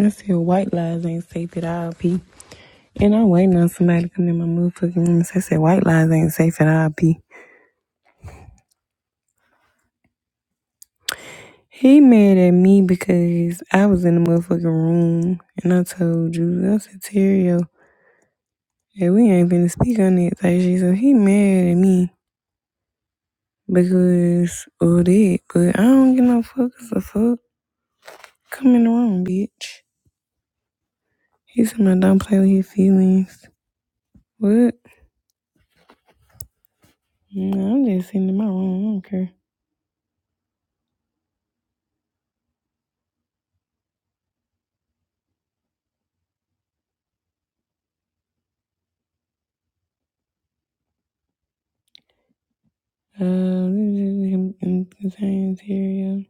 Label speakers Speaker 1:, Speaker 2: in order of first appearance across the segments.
Speaker 1: I said white lies ain't safe at all, P. And I'm waiting on somebody to come in my motherfucking room and say, say white lies ain't safe at all, P. He mad at me because I was in the motherfucking room and I told you, I said, Terrio, hey, we ain't finna speak on it. Like she said, he mad at me because of that. But I don't give no fuck as a fuck. Come in the room, bitch. He said, I don't play with his feelings. What? No, I'm just sitting in my room. I don't care. Um, I'm concerning Tyrio.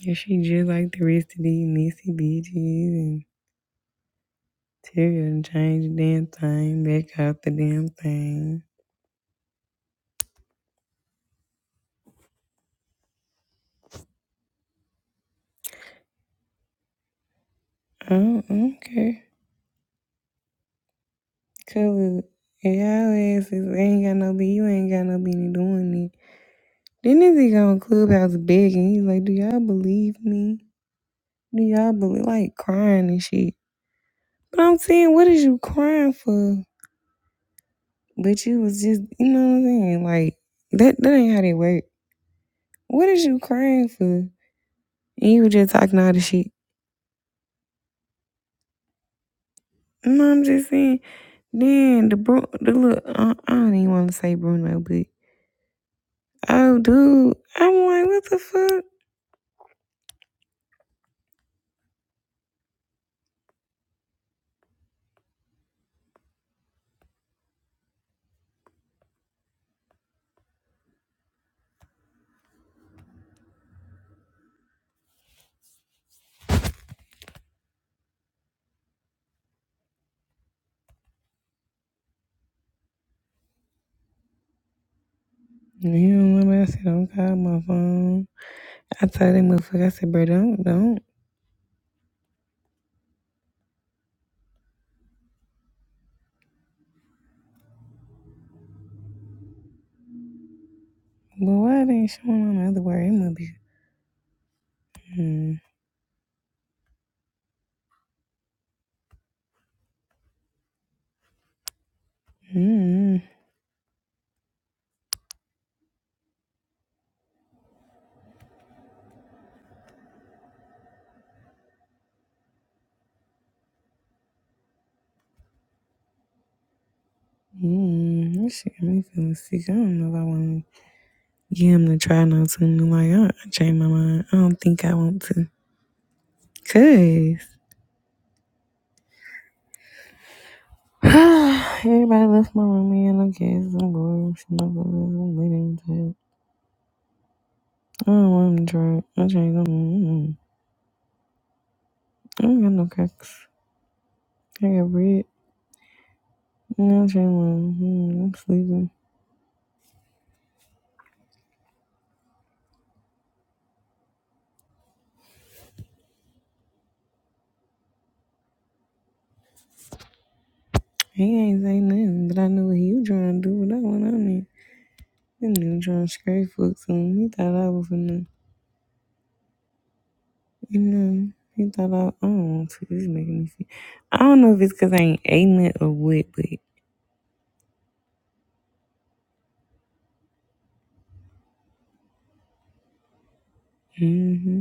Speaker 1: Yeah, she just like the rest of these messy bitches and Tyrio done changed the damn thing, back out the damn thing. I don't, I don't care. Cause if y'all asses ain't got no be you ain't got no business doing it. Then this nigga on Clubhouse begging. He's like, Do y'all believe me? Do y'all believe like crying and shit? But I'm saying, what is you crying for? But you was just you know what I'm saying? Like that that ain't how they work. What is you crying for? And you were just talking all the shit. No, I'm just saying. Then the bro, the look, I, I don't even want to say Bruno, but oh, dude, I'm like, what the fuck? You don't want me? I said, don't call my phone. I told that motherfucker, I said, bro, don't, don't. But why they ain't showing on the other word? It must be. Mm, mm, mm. This shit got me feeling sick. I don't know if I want to give him the try not to. Like, I, I changed my mind. I don't think I want to. Cause. Everybody left my room in. Okay, it's some boring. She not gonna let them lay down to it. I don't want to try. I changed them. Mm-mm. I don't got no cracks. I got bread. Mm, I changed mine. Mm, I'm sleeping. He ain't say nothing, but I knew what he was trying to do with that one on me. he nigga trying to scrape folks on me. He thought I was finna, you know, he thought I, I don't want to. This is making me sick. I don't know if it's because I ain't eating it or what, but. Mm-hmm.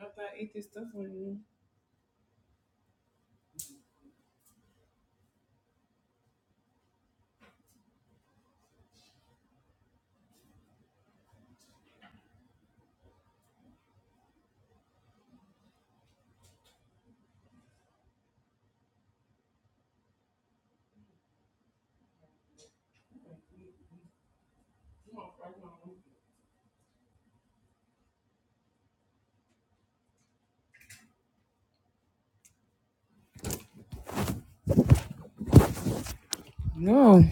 Speaker 1: I thought I ate this stuff on you. No.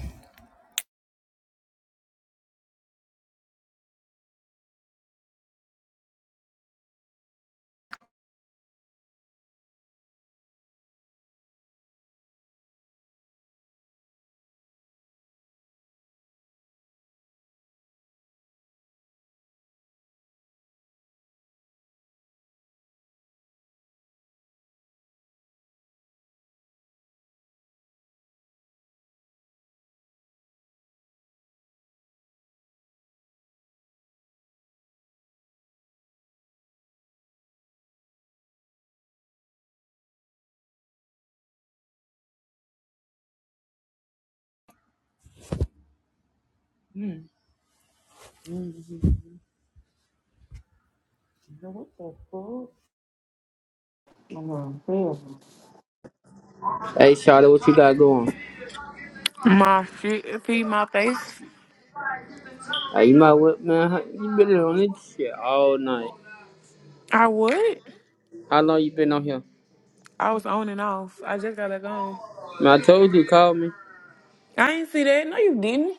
Speaker 1: Mm-hmm. What the fuck? Oh, hell.
Speaker 2: Hey, Charlotte, what you got going?
Speaker 1: My shit feed my face.
Speaker 2: Hey, you my whip, man. How- You been on this shit all night.
Speaker 1: I would.
Speaker 2: How long you been on here?
Speaker 1: I was on and off. I just got back on.
Speaker 2: Man, I told you, call me.
Speaker 1: I ain't see that. No, you didn't.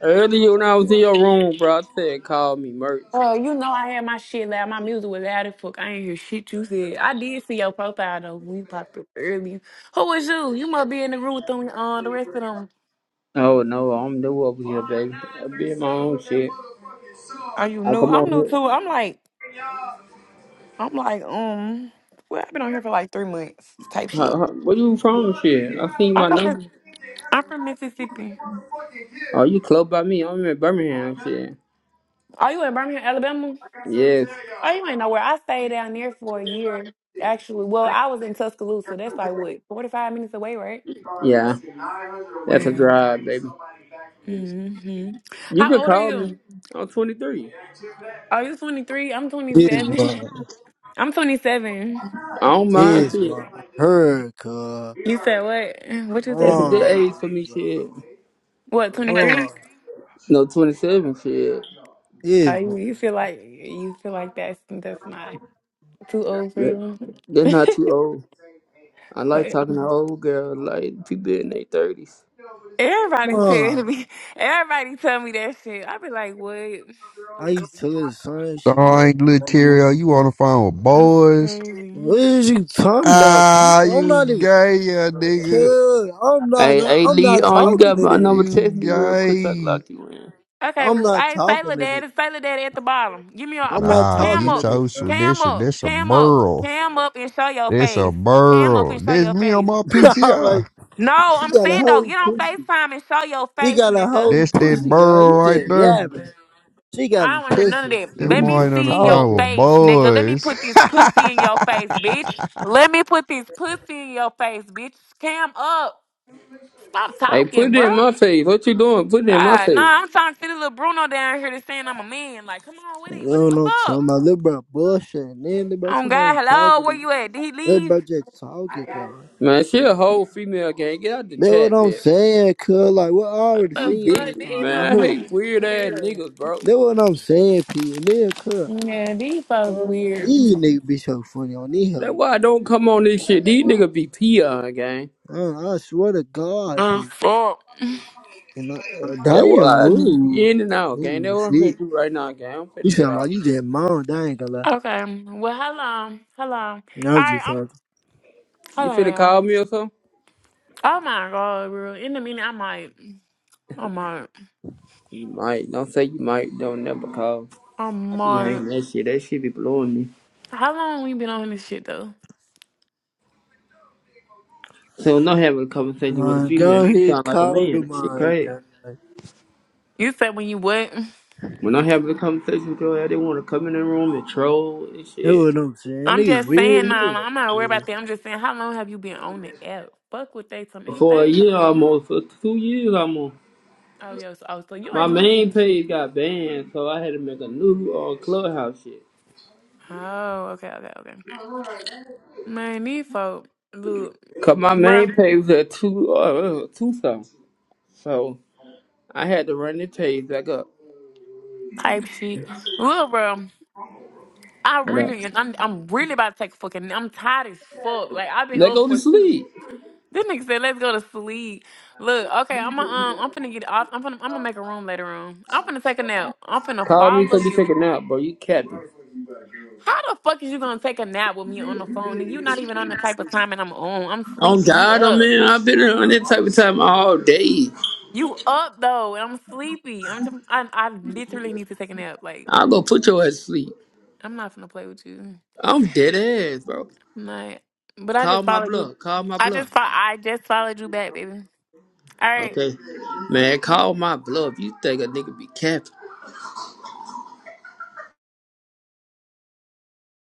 Speaker 2: Earlier when I was in your room, bro, I said, call me, merch.
Speaker 1: Uh, you know I had my shit loud. My music was loud as fuck. I ain't hear shit you said. I did see your profile though when you popped up earlier. Who was you? You must be in the group with them, uh, the rest of them.
Speaker 2: Oh, no, I'm new over here, baby. I be in my own shit.
Speaker 1: Are you
Speaker 2: I
Speaker 1: new?
Speaker 2: come
Speaker 1: I'm
Speaker 2: on
Speaker 1: new
Speaker 2: here.
Speaker 1: too. I'm like, I'm like, um, well, I've been on here for like three months type shit.
Speaker 2: How, how, where you from, shit? I seen
Speaker 1: I'm
Speaker 2: my
Speaker 1: from,
Speaker 2: number.
Speaker 1: I'm from Mississippi.
Speaker 2: Oh, you close by me. I'm in Birmingham, shit.
Speaker 1: Are you in Birmingham, Alabama?
Speaker 2: Yes.
Speaker 1: Oh, you ain't know where I stayed down there for a year. Actually, well, I was in Tuscaloosa. That's like what, 45 minutes away, right?
Speaker 2: Yeah. That's a
Speaker 1: Yeah.
Speaker 2: drive, baby.
Speaker 1: hmm
Speaker 2: You
Speaker 1: How
Speaker 2: could
Speaker 1: old are
Speaker 2: call me.
Speaker 1: you?
Speaker 2: I'm 23.
Speaker 1: Are you 23? I'm
Speaker 3: Is
Speaker 1: 27.
Speaker 3: my
Speaker 1: I'm 27.
Speaker 2: I don't mind
Speaker 3: is
Speaker 2: shit.
Speaker 3: my heard cuz
Speaker 1: You said what? What you
Speaker 2: That's a
Speaker 1: say?
Speaker 2: good
Speaker 3: Mom,
Speaker 2: age for me, shit.
Speaker 1: What,
Speaker 3: mom,
Speaker 1: 23?
Speaker 2: No, 27, shit.
Speaker 1: Oh,
Speaker 3: is my
Speaker 1: you, you feel like you feel like that's that's not too old for
Speaker 2: That,
Speaker 1: you.
Speaker 2: that's not too old. I like
Speaker 1: But,
Speaker 2: talking to
Speaker 1: um,
Speaker 2: old girls, like people in their 30s.
Speaker 1: everybody tell
Speaker 3: mom.
Speaker 1: me. Everybody tell me that shit. I be like, what?
Speaker 3: I used to little son she
Speaker 1: That's
Speaker 4: Dang, little
Speaker 3: got
Speaker 4: Terry, you on the phone with
Speaker 1: that's
Speaker 4: boys?
Speaker 1: crazy.
Speaker 3: What is you talking about, P?
Speaker 4: Ah,
Speaker 3: I'm
Speaker 4: you
Speaker 3: not even
Speaker 4: gay, yeah, nigga.
Speaker 3: cuz I'm not
Speaker 2: Hey, hey,
Speaker 3: I'm
Speaker 2: Lee,
Speaker 3: not
Speaker 2: on you
Speaker 3: talking
Speaker 2: got
Speaker 3: to
Speaker 2: my
Speaker 3: this.
Speaker 2: number.
Speaker 4: You
Speaker 2: Text me real quick so I can
Speaker 4: gay.
Speaker 2: lock you in.
Speaker 1: Okay,
Speaker 3: I'm
Speaker 1: well,
Speaker 3: not
Speaker 1: hey,
Speaker 3: talking
Speaker 1: Sailor
Speaker 3: to this.
Speaker 1: Daddy, Sailor Daddy at the bottom. Give me a, a
Speaker 3: I'm
Speaker 1: pro-
Speaker 3: not
Speaker 4: Nah,
Speaker 1: cam
Speaker 3: talking to
Speaker 4: get
Speaker 1: up,
Speaker 3: this,
Speaker 4: your
Speaker 3: bro.
Speaker 4: shit.
Speaker 1: cam
Speaker 4: This a,
Speaker 1: up,
Speaker 4: this a
Speaker 1: cam up,
Speaker 4: burl.
Speaker 1: cam up and show your
Speaker 4: This a
Speaker 1: face. Cam up
Speaker 4: burl.
Speaker 1: and show
Speaker 4: This
Speaker 1: your
Speaker 4: me on
Speaker 1: face.
Speaker 4: my
Speaker 3: I'm like,
Speaker 4: PTI.
Speaker 1: No,
Speaker 3: she
Speaker 1: I'm
Speaker 3: got a
Speaker 1: saying though,
Speaker 3: whole
Speaker 1: get on
Speaker 3: pussy.
Speaker 1: FaceTime and show your
Speaker 3: She
Speaker 1: face,
Speaker 3: got a
Speaker 1: nigga.
Speaker 3: whole
Speaker 4: This that
Speaker 3: pussy, guy.
Speaker 4: burl
Speaker 3: You
Speaker 4: right
Speaker 3: just
Speaker 4: there.
Speaker 3: yeah, man. She got
Speaker 1: I
Speaker 3: a
Speaker 1: don't want to hear none
Speaker 3: pussy.
Speaker 1: of that.
Speaker 3: so
Speaker 4: That
Speaker 1: Let
Speaker 3: You
Speaker 1: me
Speaker 4: mine
Speaker 3: just
Speaker 4: on the
Speaker 1: see your
Speaker 4: phone
Speaker 3: talking.
Speaker 4: with
Speaker 1: face, nigga. Let me
Speaker 4: boys.
Speaker 1: put this pussy in your face, bitch. Let me put this pussy in your face, bitch. Cam up. Stop
Speaker 2: Hey,
Speaker 1: talking,
Speaker 2: put it in
Speaker 1: bro.
Speaker 2: my face. What you doing? Put it in my
Speaker 1: Ah,
Speaker 2: face.
Speaker 1: nah, I'm trying to see the little Bruno down here that's saying I'm a man. Like, come on with
Speaker 3: You
Speaker 1: it. What's,
Speaker 3: don't
Speaker 1: what's
Speaker 3: know what I'm
Speaker 1: up?
Speaker 3: talking about. Little bro bullshit. And Then little bro talking
Speaker 1: Oh
Speaker 3: about
Speaker 1: God,
Speaker 3: I'm talking
Speaker 1: hello,
Speaker 3: to
Speaker 1: where
Speaker 3: you.
Speaker 1: you at? Did he
Speaker 3: Little
Speaker 1: leave?
Speaker 3: bro just talking, God.
Speaker 2: Man, she a whole female gang. Get out the
Speaker 3: That's what
Speaker 2: chat,
Speaker 3: I'm
Speaker 2: bitch.
Speaker 3: saying, cuz. Like, we already
Speaker 2: You
Speaker 1: What
Speaker 3: seen
Speaker 1: the
Speaker 2: dick,
Speaker 1: fuck? These
Speaker 3: everything. You
Speaker 2: man. I
Speaker 3: hear me?
Speaker 2: hate weird
Speaker 1: motherfuckers
Speaker 2: ass
Speaker 1: weird.
Speaker 2: niggas, bro.
Speaker 3: That's what I'm saying, P. And then, cuz.
Speaker 1: Yeah, these folks
Speaker 3: uh,
Speaker 1: weird.
Speaker 3: These niggas be so funny on these
Speaker 2: That's
Speaker 3: hoes.
Speaker 2: why I don't come on this shit. These niggas be peon, gang.
Speaker 3: Uh, I swear to God,
Speaker 1: Oh
Speaker 3: P.
Speaker 1: fuck.
Speaker 3: And I, uh,
Speaker 2: That
Speaker 3: damn,
Speaker 2: why I be
Speaker 3: ooh.
Speaker 2: in and out, gang.
Speaker 3: Ooh,
Speaker 2: That's what I'm
Speaker 3: shit.
Speaker 2: finna do right now, gang. I'm
Speaker 3: You
Speaker 2: finna get
Speaker 3: sound
Speaker 2: off.
Speaker 3: like you just moaned. I ain't gonna lie.
Speaker 1: Okay. Well, hello. Hello. All
Speaker 3: I was
Speaker 1: right.
Speaker 3: just
Speaker 1: I'm.
Speaker 3: talking.
Speaker 2: You finna
Speaker 1: Hello.
Speaker 2: call me or something?
Speaker 1: Oh my god, bro. In a minute, I might. I might.
Speaker 2: You might. Don't say you might. Don't never call.
Speaker 1: I
Speaker 2: I be
Speaker 1: might.
Speaker 2: hating that shit. That shit be blowing me.
Speaker 1: How long we been on this shit though?
Speaker 2: So when I'm having a conversation with a
Speaker 3: My
Speaker 2: female,
Speaker 3: God,
Speaker 2: she
Speaker 3: he
Speaker 2: sound like a
Speaker 3: called him,
Speaker 2: man. That shit
Speaker 3: my
Speaker 2: crazy.
Speaker 3: God. That's
Speaker 1: You said when you what?
Speaker 2: When I'm having a conversation with her, they wanna come in the room and troll and shit.
Speaker 3: what I'm saying.
Speaker 1: I'm
Speaker 3: Niggas
Speaker 1: just saying.
Speaker 3: weird
Speaker 1: Nah, nah, I'm not worried
Speaker 3: here.
Speaker 1: about that. I'm just saying. How long have you been on the app? Fuck what they tell me. They
Speaker 2: For a
Speaker 1: ain't tell me.
Speaker 2: year
Speaker 1: nothing.
Speaker 2: almost, for two years almost,
Speaker 1: Oh yes. Oh, so you
Speaker 2: my
Speaker 1: ain't new to
Speaker 2: main
Speaker 1: this shit.
Speaker 2: page got banned, so I had to make a new uh, clubhouse shit.
Speaker 1: Oh, okay, okay, okay. Man, these folk, look,
Speaker 2: Cause my main
Speaker 1: bro,
Speaker 2: page was at two, uh, two something. So. I had to run the page back up.
Speaker 1: type shit. Look, bro, I really, I'm, I'm really about to take a fucking, I'm tired as fuck. Like, I've been
Speaker 2: Let
Speaker 1: up
Speaker 2: go to
Speaker 1: for two.
Speaker 2: sleep.
Speaker 1: This nigga said, let's go to sleep. Look, okay, I'm gonna, um, I'm finna get off. I'm finna, I'm gonna make a room later on. I'm finna take a nap. I'm finna
Speaker 2: Call me so
Speaker 1: follow
Speaker 2: you take
Speaker 1: you.
Speaker 2: a nap, bro. You capping.
Speaker 1: How the fuck is you gonna take a nap with me on the phone and you not even on the type of time and I'm on? I'm
Speaker 2: Oh
Speaker 1: sleepy. You
Speaker 2: God, oh
Speaker 1: up.
Speaker 2: man, I've been on that type of time all day.
Speaker 1: You up though, and I'm sleepy. I'm just, I, I literally need to take a nap. Like,
Speaker 2: I'll go put your ass to sleep.
Speaker 1: I'm not gonna play with you.
Speaker 2: I'm dead ass, bro.
Speaker 1: I'm not. But I just
Speaker 2: Call my
Speaker 1: followed you.
Speaker 2: bluff. Call my
Speaker 1: I
Speaker 2: bluff.
Speaker 1: just fo- I just followed you back, baby. All right.
Speaker 2: Okay, man, call my bluff. You think a nigga be capping?